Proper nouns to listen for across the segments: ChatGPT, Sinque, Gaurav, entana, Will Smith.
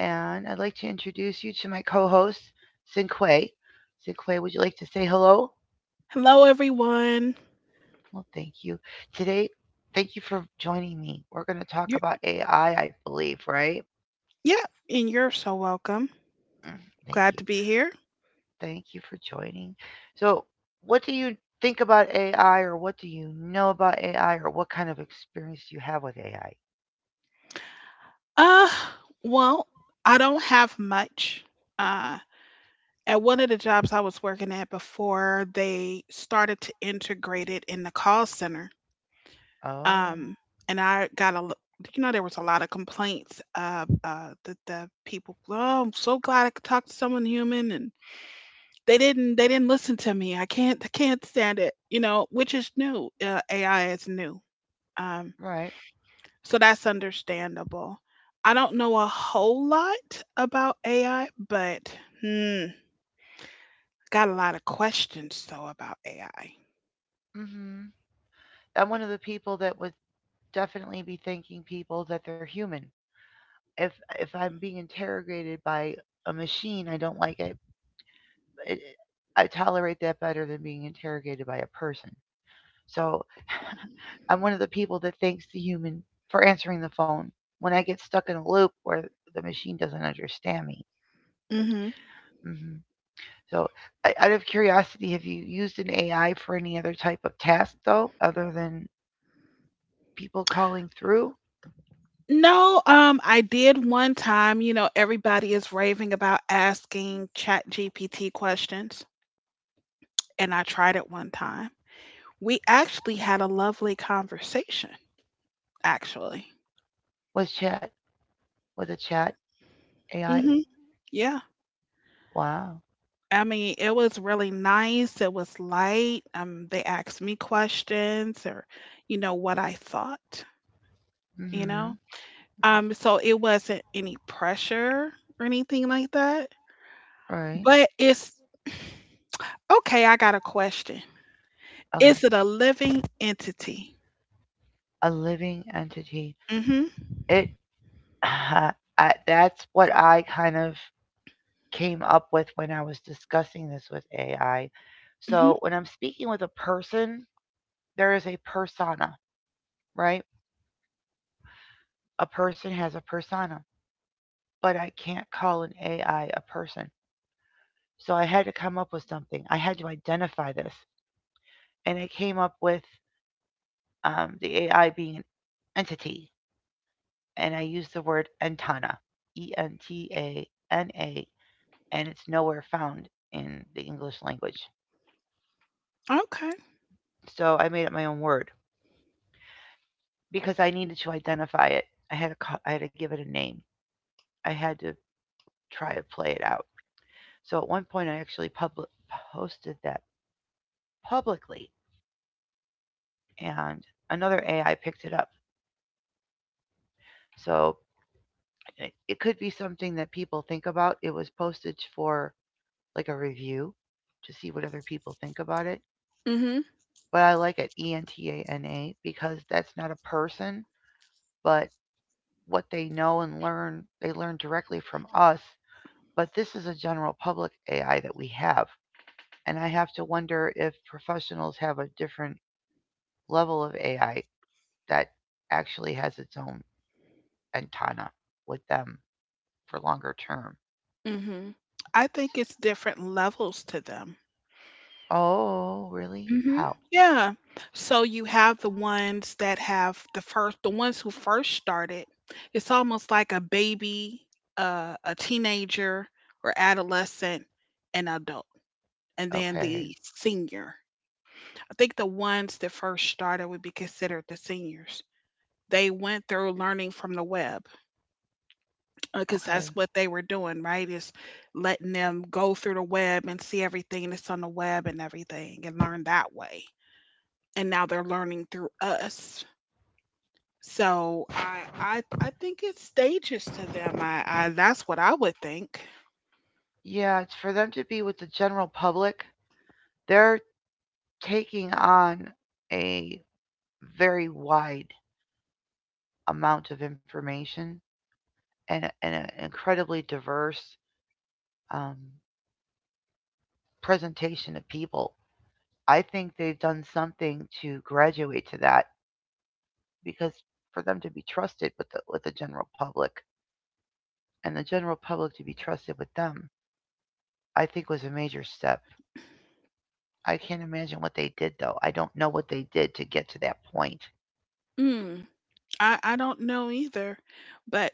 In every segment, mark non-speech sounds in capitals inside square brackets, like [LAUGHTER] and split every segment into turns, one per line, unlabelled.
and I'd like to introduce you to my co host, Sinque. Sinque, would you like to say hello?
Hello, everyone.
Well, thank you. Today, thank you for joining me. We're going to talk
You're,
about AI, I believe, right?
yeah, and you're so welcome.
Mm, thank
Glad
you.
to be here.
Thank you for joining. So, what do you think about AI, or what do you know about AI, or what kind of experience do you have with AI?
Uh, well, I don't have much. Uh, at one of the jobs I was working at before, they started to integrate it in the call center.
Oh,
Um, and I got a, l- there was a lot of complaints of the people. Oh, I'm so glad I could talk to someone human, and they didn't listen to me. I can't stand it. Which is new. AI is new. Um,
right.
So that's understandable. I don't know a whole lot about AI, but hmm, got a lot of questions though about AI.
Hmm. I'm one of the people that would definitely be thanking people that they're human if I'm being interrogated by a machine, I don't like it. it I tolerate that better than being interrogated by a person. So I'm one of the people that thanks the human for answering the phone when I get stuck in a loop where the machine doesn't understand me.
Hmm.
Hmm. So, out of curiosity, have you used an AI for any other type of task though, other than people calling through?
No, I did one time. Everybody is raving about asking ChatGPT questions, and I tried it one time. We actually had a lovely conversation, actually.
Was chat With a chat AI?
Hmm. Yeah.
Wow.
I mean, it was really nice. It was light. They asked me questions or what I thought, you know.
Hmm.
So it wasn't any pressure or anything like that.
Right.
But it's okay, I got a question.
Okay.
Is it a living entity?
A living entity.
Mm-hmm.
It [SIGHS] [LAUGHS] that's what I kind of came up with when I was discussing this with AI.
Mm-hmm.
So when I'm speaking with a person, there is a persona, right? A person has a persona, but I can't call an AI a person. So I had to come up with something. I had to identify this, and I came up with the AI being an entity, and I used the word entana, E N T A N A, and it's nowhere found in the English language.
Okay.
So I made up my own word because I needed to identify it. I had to give it a name. I had to try to play it out. So at one point, I actually public posted that publicly, and another AI picked it up. So it could be something that people think about. It was posted for like a review to see what other people think about it.
Mm-hmm.
But I like it Entana because that's not a person, but what they know and learn, they learn directly from us. But this is a general public AI that we have. And I have to wonder if professionals have a different level of AI that actually has its own antenna with them for longer term.
Mm-hmm. I think
S-
it's different levels to them.
Oh, really?
Mhm.
How?
Yeah. So you have the ones that have the ones who first started. It's almost like a baby, a teenager or adolescent, an adult, and then
Okay.
the senior. I think the ones that first started would be considered the seniors. They went through learning from the web because that's
Okay.
what they were doing, right? Is letting them go through the web and see everything that's on the web and everything and learn that way. And now they're learning through us. So I think it's stages to them. I That's what I would think.
Yeah, it's for them to be with the general public. They're taking on a very wide amount of information and an incredibly diverse um, presentation of people. I think they've done something to graduate to that because for them to be trusted with the general public and the general public to be trusted with them, I think was a major step. I can't imagine what they did though. I don't know what they did to get to that point.
Mm, I don't know either. But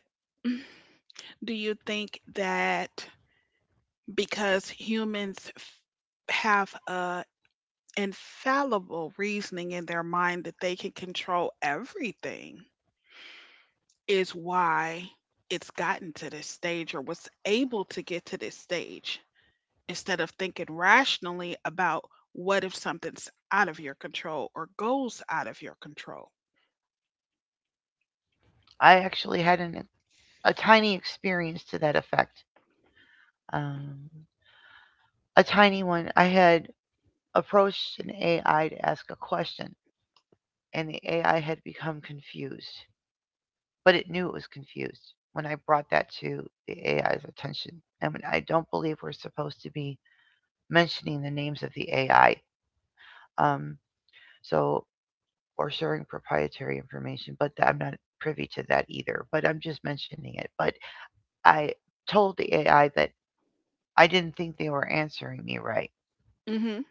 do you think that because humans have a infallible reasoning in their mind that they can control everything is why it's gotten to this stage or was able to get to this stage? Instead of thinking rationally about what if something's out of your control or goes out of your control.
I actually had an a tiny experience to that effect. Um, a tiny one. I had approached an AI to ask a question, and the AI had become confused. But it knew it was confused when I brought that to the AI's attention. And I don't believe we're supposed to be mentioning the names of the AI, um, so or sharing proprietary information, but I'm not privy to that either. But I'm just mentioning it. But I told the AI that I didn't think they were answering me right,
Mhm.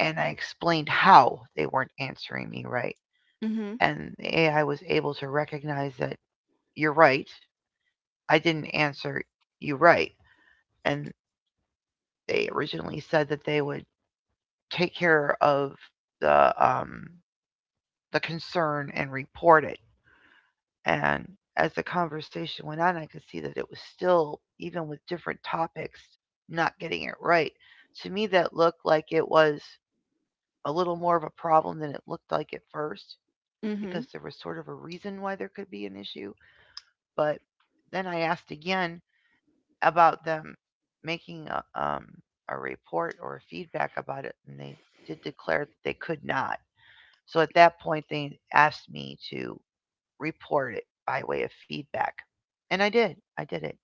and I explained how they weren't answering me right,
Mhm.
and the AI was able to recognize that you're right. I didn't answer you right, and they originally said that they would take care of the um, the concern and report it. And as the conversation went on, I could see that it was still, even with different topics, not getting it right. To me, that looked like it was a little more of a problem than it looked like at first because
Mhm.
there was sort of a reason why there could be an issue. But then I asked again, about them making a report or feedback about it, and they did declare that they could not. So at that point, they asked me to report it by way of feedback, and I did. I did it,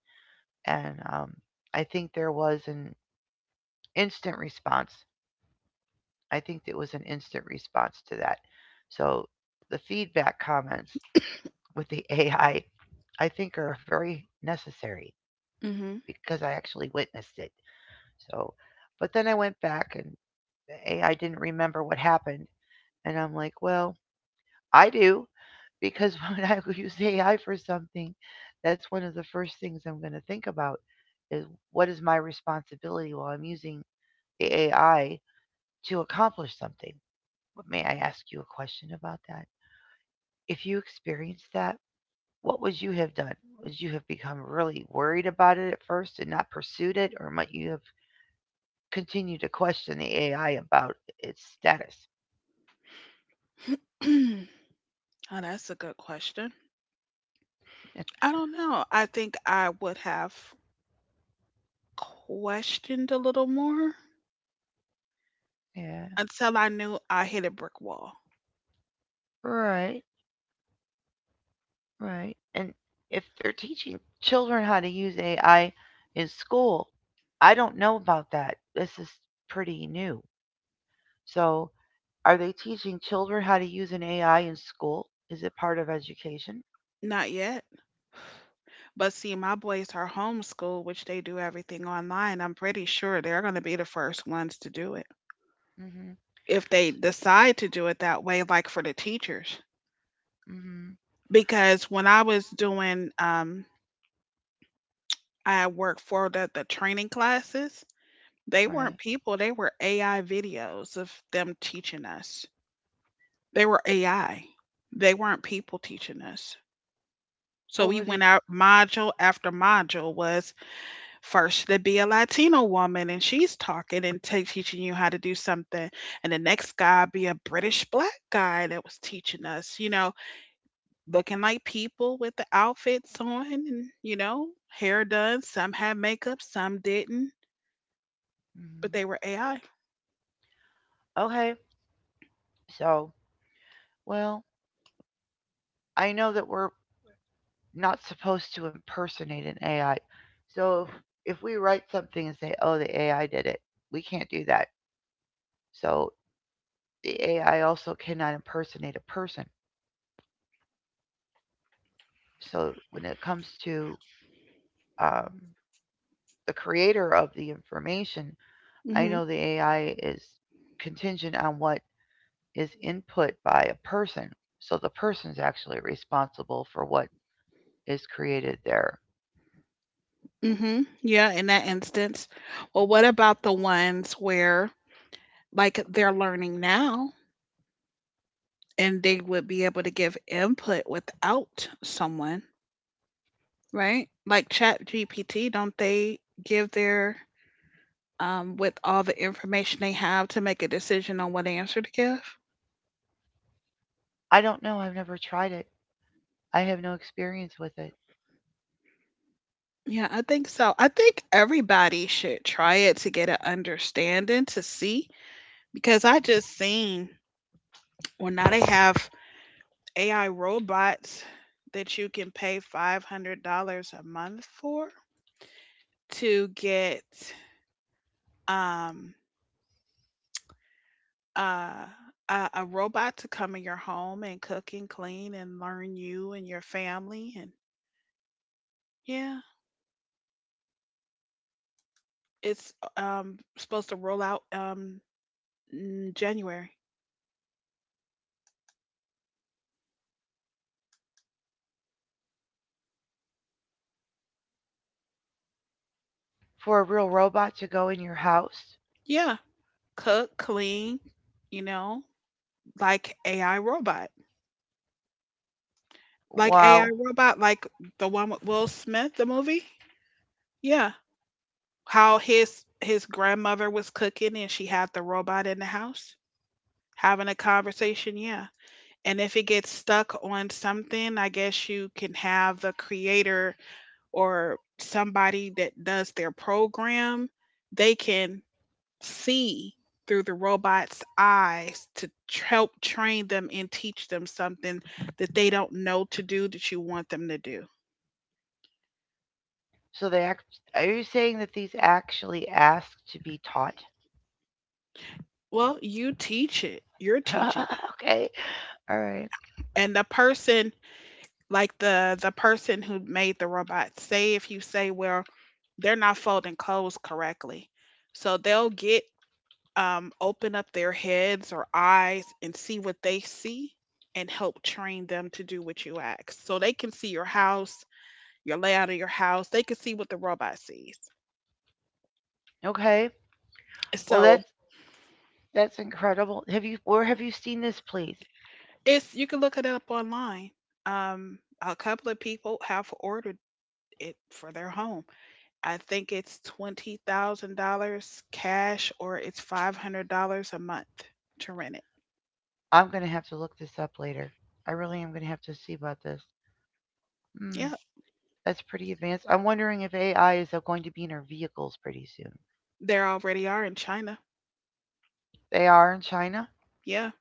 and I think there was an instant response. I think it was an instant response to that. So the feedback comments with the [LAUGHS] AI, I think, are very necessary because I actually witnessed it. So, but then I went back and the AI didn't remember what happened. And I'm like, well, I do because [LAUGHS] when I use AI for something, that's one of the first things I'm going to think about is what is my responsibility while I'm using the AI to accomplish something. But may I ask you a question about that? If you experienced that, what would you have done? Would you have become really worried about it at first and not pursued it, or might you have continued to question the AI about its status?
Mhm. [CLEARS THROAT] Oh, that's a good question.
[LAUGHS]
I don't know. I think I would have questioned a little more
Yeah,
until I knew I hit a brick wall.
right. Right. And if they're teaching children how to use AI in school, I don't know about that. This is pretty new. So, are they teaching children how to use an AI in school? Is it part of education?
Not yet. But see, my boys are homeschooled, which they do everything online. I'm pretty sure they're going to be the first ones to do it
Mhm.
if they
So,
decide to do it that way, like for the teachers.
mhm.
Because when I was doing, I worked for the training classes. They
Right.
weren't people, they were AI videos of them teaching us. They were AI. They weren't people teaching us. So
What
we
were
went
they?
out module after module was first to be a Latino woman and she's talking and teaching you how to do something. And the next guy be a British black guy that was teaching us. Looking like people with the outfits on and hair done. Some had makeup, some didn't, but
Mhm.
they were AI.
Okay. So, well, I know that we're not supposed to impersonate an AI. So, if, we write something and say, "Oh, the AI did it," we can't do that. So, the AI also cannot impersonate a person. So when it comes to um, the creator of the information, I
Mhm.
know the AI is contingent on what is input by a person. So the person's actually responsible for what is created there.
Mhm. Yeah, in that instance. Well, what about the ones where like they're learning now and they would be able to give input without someone, right? Like Chat GPT, don't they give their with all the information they have to make a decision on what answer to give?
I don't know. I've never tried it. I have no experience with it.
Yeah, I think so. I think everybody should try it to get an understanding to see, because I just seen, well, now they have AI robots that you can pay $500 a month for to get um uh a robot to come in your home and cook and clean and learn you and your family, and yeah, it's supposed to roll out in January.
For a real robot to go in your house,
Yeah. Cook, clean, you know, like AI robot. Like AI
wow.
robot, like the one with Will Smith, the movie. Yeah. How his grandmother was cooking and she had the robot in the house having a conversation, yeah. And if it gets stuck on something, I guess you can have the creator or somebody that does their program, they can see through the robot's eyes to help train them and teach them something that they don't know to do that you want them to do.
So they act. Are you saying that these actually ask to be taught?
Well, you teach it, you're teaching
[LAUGHS] Okay. All right.
it, and the person, like the person who made the robot, say if you say well they're not folding clothes correctly, so they'll get, open up their heads or eyes and see what they see and help train them to do what you ask so they can see your house, your layout of your house. They can see what the robot sees.
Okay. Well,
So
that's incredible. Have you Where have you seen this, please?
it's you can look it up online. Um, a couple of people have ordered it for their home. I think it's $20,000 cash or it's $500 a month to rent it.
I'm gonna have to look this up later. I really am gonna have to see about this. Hmm,
Yeah,
that's pretty advanced. I'm wondering if AI is going to be in our vehicles pretty soon.
there already are in China.
They are in China.
Yeah,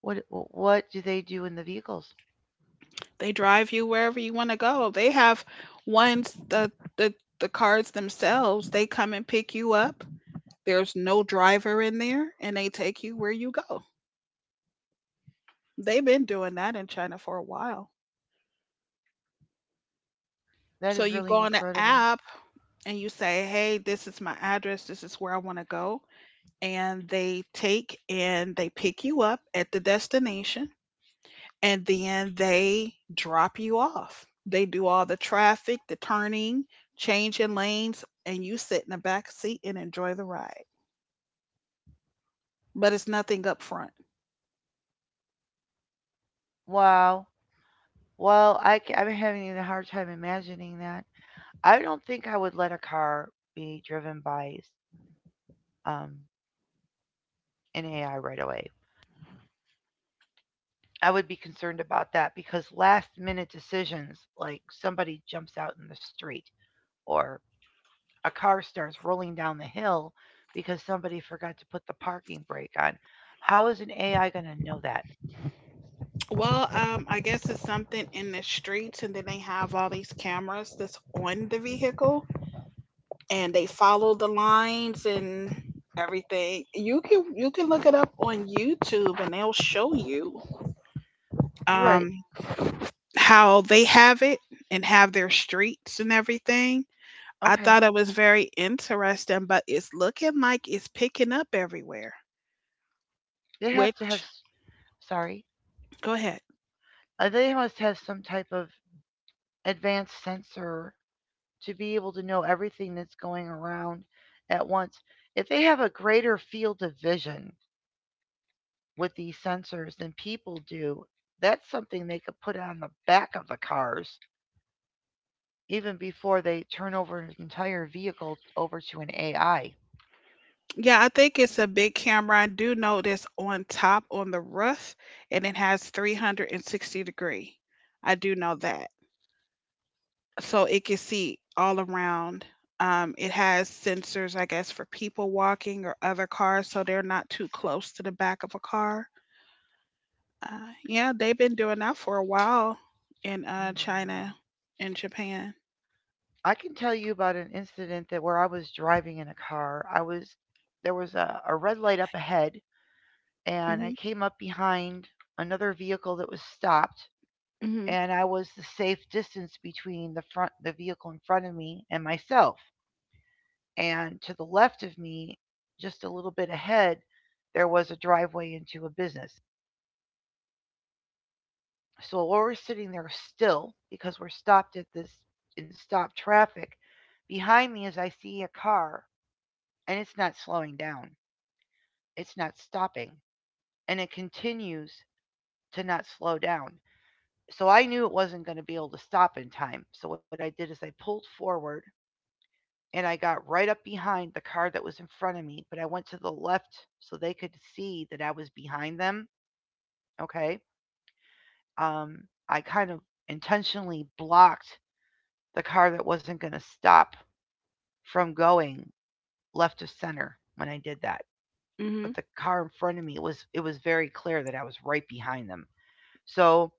What what do they do in the vehicles?
they drive you wherever you want to go. They have ones, the the cars themselves. They come and pick you up. There's no driver in there, and they take you where you go. They've been doing that in China for a while.
That
So
is
you
really
go on the
incredible.
app and you say, "Hey, this is my address. This is where I want to go." And they take and they pick you up at the destination and then they drop you off. They do all the traffic, the turning, changing lanes, and you sit in the back seat and enjoy the ride. But it's nothing up front.
Wow. Well, I'm having a hard time imagining that. I don't think I would let a car be driven by um, an AI right away. I would be concerned about that because last minute decisions, like somebody jumps out in the street or a car starts rolling down the hill because somebody forgot to put the parking brake on, how is an AI going to know that?
Well, I guess it's something in the streets, and then they have all these cameras that's on the vehicle and they follow the lines and everything. You can look it up on YouTube and they'll show you
Right.
um how they have it and have their streets and everything. I
Okay.
thought it was very interesting, but it's looking like it's picking up everywhere.
They have to have,
Which
s- sorry,
Go ahead.
they must have some type of advanced sensor to be able to know everything that's going around at once. If they have a greater field of vision, with these sensors than people do, that's something they could put on the back of the cars even before they turn over an entire vehicle over to an AI.
Yeah, I think it's a big camera. I do know that's on top on the roof and it has 360 degree. I do know that. So it can see all around. It has sensors, I guess, for people walking or other cars, so they're not too close to the back of a car. Uh, yeah, they've been doing that for a while in
Mm.
China and Japan.
I can tell you about an incident that where I was driving in a car. I was There was a red light up ahead and I
Hmm.
came up behind another vehicle that was stopped
Mhm.
and I was the safe distance between the vehicle in front of me and myself. And to the left of me, just a little bit ahead, there was a driveway into a business. So while we're sitting there still because we're stopped at this in stop traffic, behind me is I see a car and it's not slowing down. It's not stopping and it continues to not slow down. So I knew it wasn't going to be able to stop in time. So what I did is I pulled forward and I got right up behind the car that was in front of me, but I went to the left so they could see that I was behind them. Okay. Um, I kind of intentionally blocked the car that wasn't going to stop from going left of center when I did that. But
Mhm.
the car in front of me it was very clear that I was right behind them. So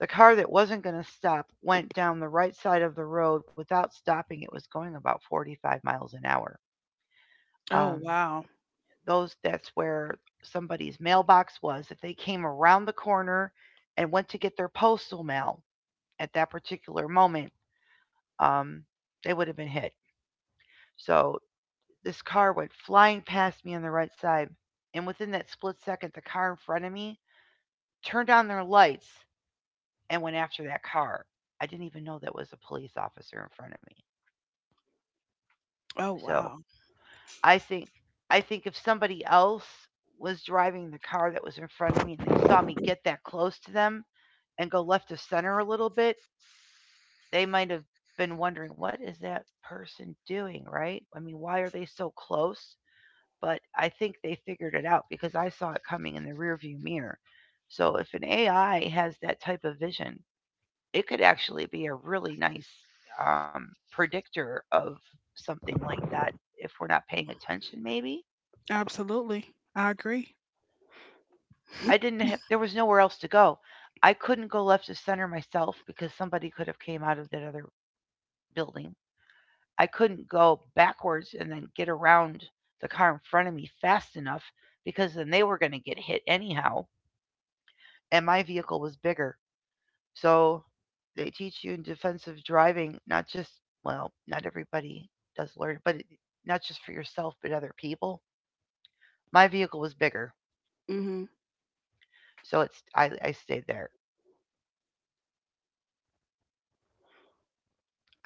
the car that wasn't going to stop went down the right side of the road without stopping. It was going about 45 miles an hour.
Oh,
Um,
wow!
those that's where somebody's mailbox was if they came around the corner and went to get their postal mail at that particular moment, um, they would have been hit. So this car went flying past me on the right side, and within that split second the car in front of me turned on their lights and went after that car. I didn't even know that was a police officer in front of me.
Oh,
So
wow!
i think I think if somebody else was driving the car that was in front of me and they saw me get that close to them and go left of center a little bit, they might have been wondering, what is that person doing, right? I mean, why are they so close? But I think they figured it out because I saw it coming in the rearview mirror. So if an AI has that type of vision, it could actually be a really nice predictor of something like that if we're not paying attention, maybe.
Absolutely, I agree.
I
[LAUGHS]
didn't have, there was nowhere else to go. I couldn't go left of center myself because somebody could have came out of that other building. I couldn't go backwards and then get around the car in front of me fast enough because then they were going to get hit anyhow. And my vehicle was bigger. So they teach you in defensive driving, not just, well, not everybody does learn, not just for yourself, but other people. My vehicle was bigger.
Mhm.
So I stayed there.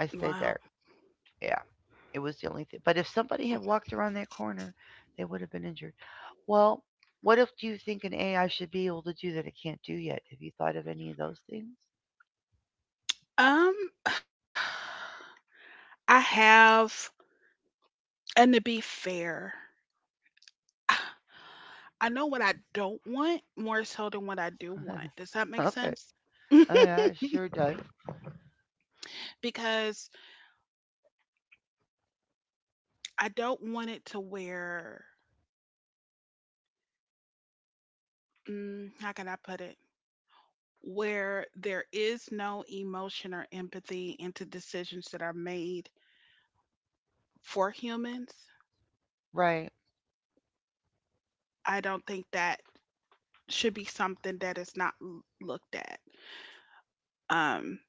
I stayed
Wow.
there. Yeah. It was the only thing. But if somebody had walked around that corner, they would have been injured. Well, what if do you think an AI should be able to do that it can't do yet? Have you thought of any of those things?
Um, [SIGHS] I have, and to be fair, [SIGHS] I know what I don't want more so than what I do want. Does that
[LAUGHS]
make
Okay.
sense?
Oh,
[LAUGHS]
yeah, it sure does.
Because I don't want it to where, how can I put it? Where there is no emotion or empathy into decisions that are made for humans.
Right.
I don't think that should be something that is not looked at. Um,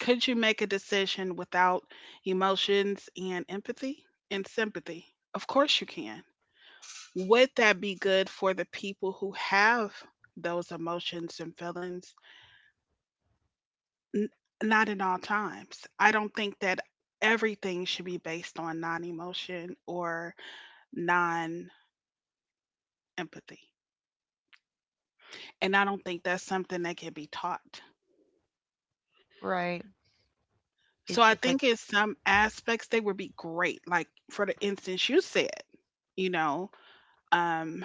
could you make a decision without emotions and empathy and sympathy? Of course you can. Would that be good for the people who have those emotions and feelings? N- Not in all times. I don't think that everything should be based on non emotion or non empathy. And I don't think that's something that can be taught.
Right.
So
It,
I
it's like,
think in some aspects they would be great. Like for the instance you said, you know, um,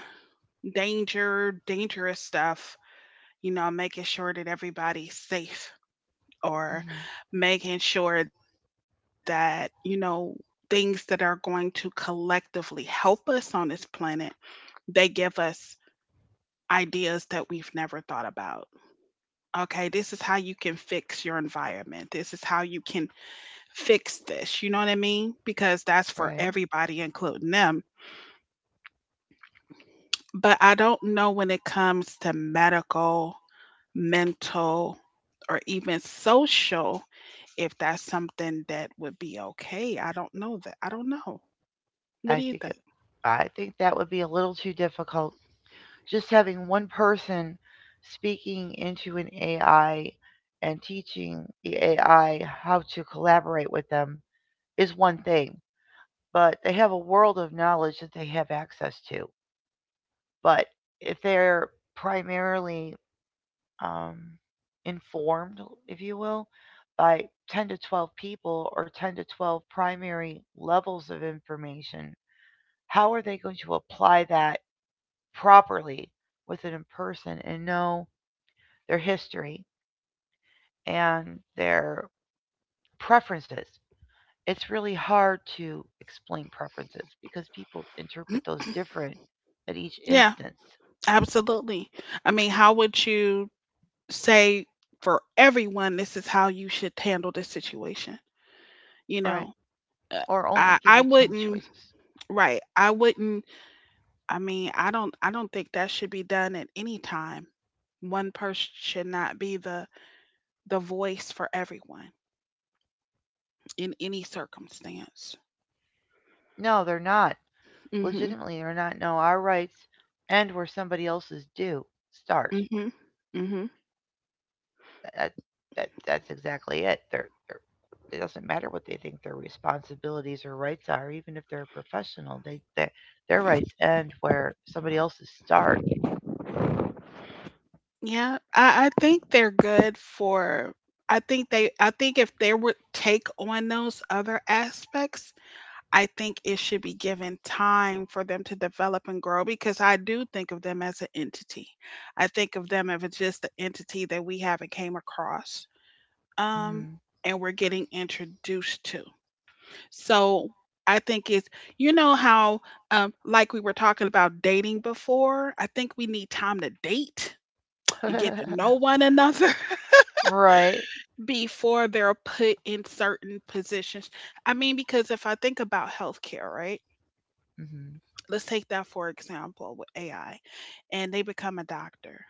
danger, dangerous stuff, making sure that everybody's safe, or
mhm,
making sure that, things that are going to collectively help us on this planet, they give us ideas that we've never thought about. Okay, this is how you can fix your environment. This is how you can fix this. You know what I mean? Because that's for
right.
everybody, including them. But I don't know when it comes to medical, mental, or even social if that's something that would be okay. I don't know that. I don't know. What
I
do you
think
think?
it, I think that would be a little too difficult. Just having one person speaking into an AI and teaching the AI how to collaborate with them is one thing. But they have a world of knowledge that they have access to. But if they're primarily, um, informed, if you will, by 10 to 12 people or 10 to 12 primary levels of information, how are they going to apply that properly with an in person and know their history and their preferences? It's really hard to explain preferences because people interpret those different at each
Yeah,
instance.
absolutely. I mean, how would you say for everyone, this is how you should handle this situation? You
Right.
know, Uh,
Or only
I
give
I
you 10
wouldn't.
choices.
Right, I wouldn't. I mean, I don't. I don't think that should be done at any time. One person should not be the voice for everyone in any circumstance.
No, they're not.
Mhm.
Legitimately, they're not. No, our rights end where somebody else's do start.
Mhm. Mhm.
That, that's exactly it. It doesn't matter what they think their responsibilities or rights are, even if they're a professional. Their rights end where somebody else's start.
Yeah, I think they're good for. I think they. I think if they would take on those other aspects, I think it should be given time for them to develop and grow because I do think of them as an entity. I think of them as just the entity that we haven't came across, um,
Hmm.
and we're getting introduced to. So I think it's, how, like we were talking about dating before, I think we need time to date and get to know
[LAUGHS]
one another [LAUGHS]
Right.
before they're put in certain positions. I mean, because if I think about healthcare, right?
Hmm.
Let's take that for example with AI, and they become a doctor.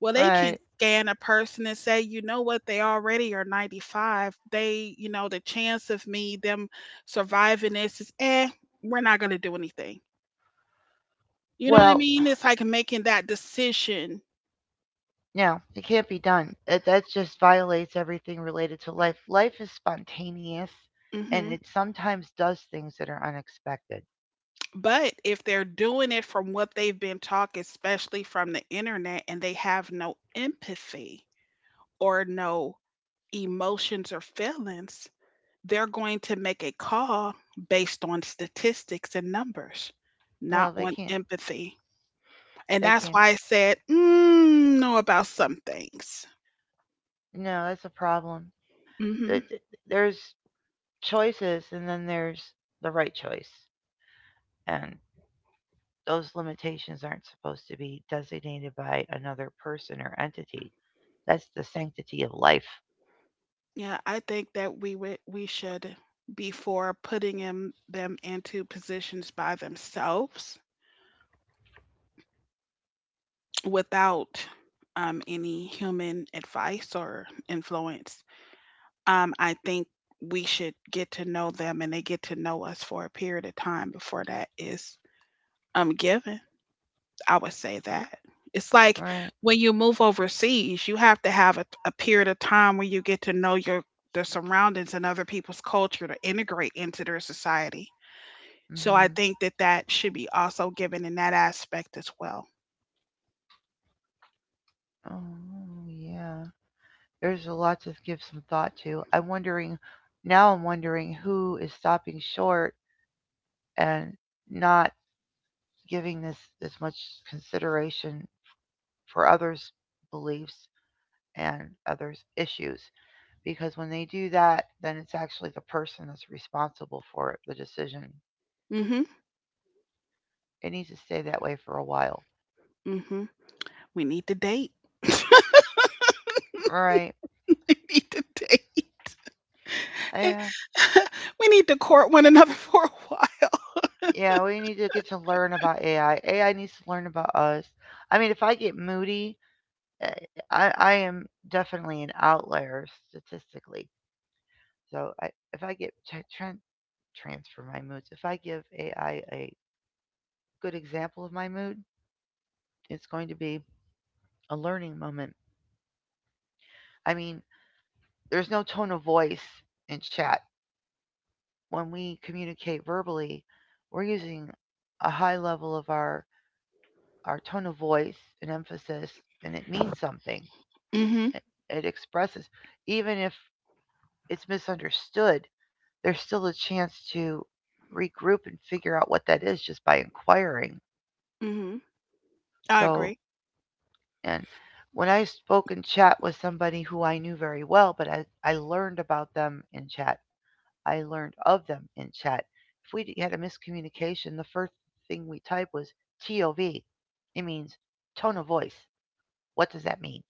Well, they can
Right.
scan a person and say, you know what, they already are 95. They, the chance of me, them surviving this is, we're not going to do anything. You know what I
Well,
mean? It's like making that decision.
no, it can't be done. That just violates everything related to life. Life is spontaneous, and
hmm
it sometimes does things that are unexpected.
But if they're doing it from what they've been taught, especially from the internet, and they have no empathy or no emotions or feelings, they're going to make a call based on statistics and numbers, not
Well, they
on
can't.
empathy. And
They
that's
can't.
why I said, know about some things.
No, that's a problem.
Hmm.
Th- th- There's choices, and then there's the right choice, and those limitations aren't supposed to be designated by another person or entity. That's the sanctity of life.
Yeah, I think that we should be for putting in, them into positions by themselves without any human advice or influence. I think we should get to know them and they get to know us for a period of time before that is, given. I would say that. It's like
Right.
when you move overseas, you have to have a period of time where you get to know your their surroundings and other people's culture to integrate into their society. So I
Mhm.
think that that should be also given in that aspect as well.
Oh, yeah. There's a lot to give some thought to. I'm wondering now. I'm wondering who is stopping short and not giving this as much consideration for others' beliefs and others' issues. Because when they do that, then it's actually the person that's responsible for it, the decision.
Mhm.
It needs to stay that way for a while.
Mhm. We need to date. [LAUGHS]
All right.
We need to date.
Yeah.
[LAUGHS] We need to court one another [LAUGHS] for a while.
Yeah, we need to get to learn about AI. AI needs to learn about us. I mean, if I get moody, uh, I am definitely an outlier statistically. So if I get transfer my moods, if I give AI a good example of my mood, it's going to be a learning moment. I mean, there's no tone of voice in chat. When we communicate verbally, we're using a high level of our tone of voice and emphasis, and it means something.
Mhm.
It, it expresses, even if it's misunderstood, there's still a chance to regroup and figure out what that is just by inquiring.
Mhm. I
So,
agree.
and when I spoke in chat with somebody who I knew very well, but I learned about them in chat, I learned of them in chat. If we had a miscommunication, the first thing we type was TOV. It means tone of voice. What does that mean?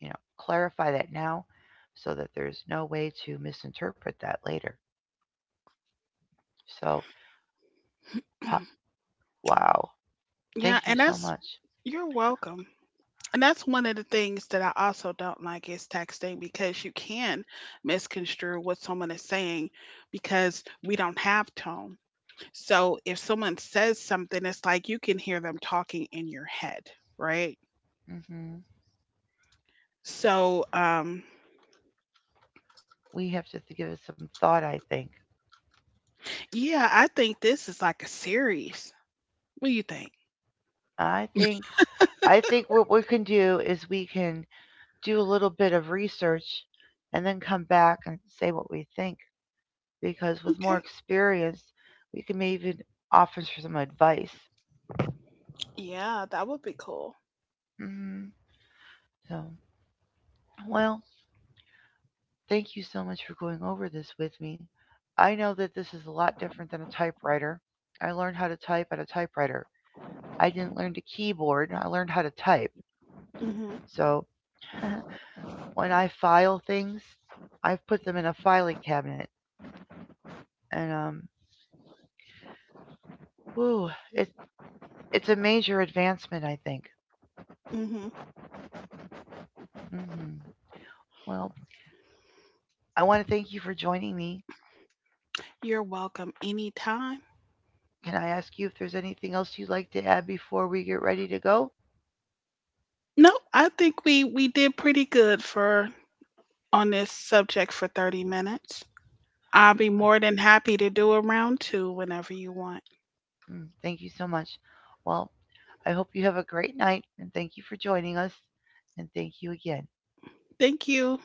You know, clarify that now so that there's no way to misinterpret that later. So, wow.
Yeah,
Thank you
and
so
that's
much.
you're welcome. And that's one of the things that I also don't like is texting because you can misconstrue what someone is saying because we don't have tone. So if someone says something, it's like you can hear them talking in your head, right?
hmm
So
We have to give it some thought. I think.
yeah, I think this is like a series. What do you think?
I think. I think what we can do is we can do a little bit of research, and then come back and say what we think. Because with more
Okay.
experience, we can maybe even offer some advice.
Yeah, that would be cool.
hmm So, well, thank you so much for going over this with me. I know that this is a lot different than a typewriter. I learned how to type at a typewriter. I didn't learn to keyboard. I learned how to type.
Mhm.
So when I file things, I've put them in a filing cabinet, and whew, it, it's a major advancement, I think.
Mhm.
hmm Well, I want to thank you for joining me.
You're welcome anytime.
Can I ask you if there's anything else you'd like to add before we get ready to go?
No, I think we did pretty good for on this subject for 30 minutes. I'll be more than happy to do a round 2 whenever you want.
Mm. Thank you so much. Well, I hope you have a great night, and thank you for joining us, and thank you again.
Thank you.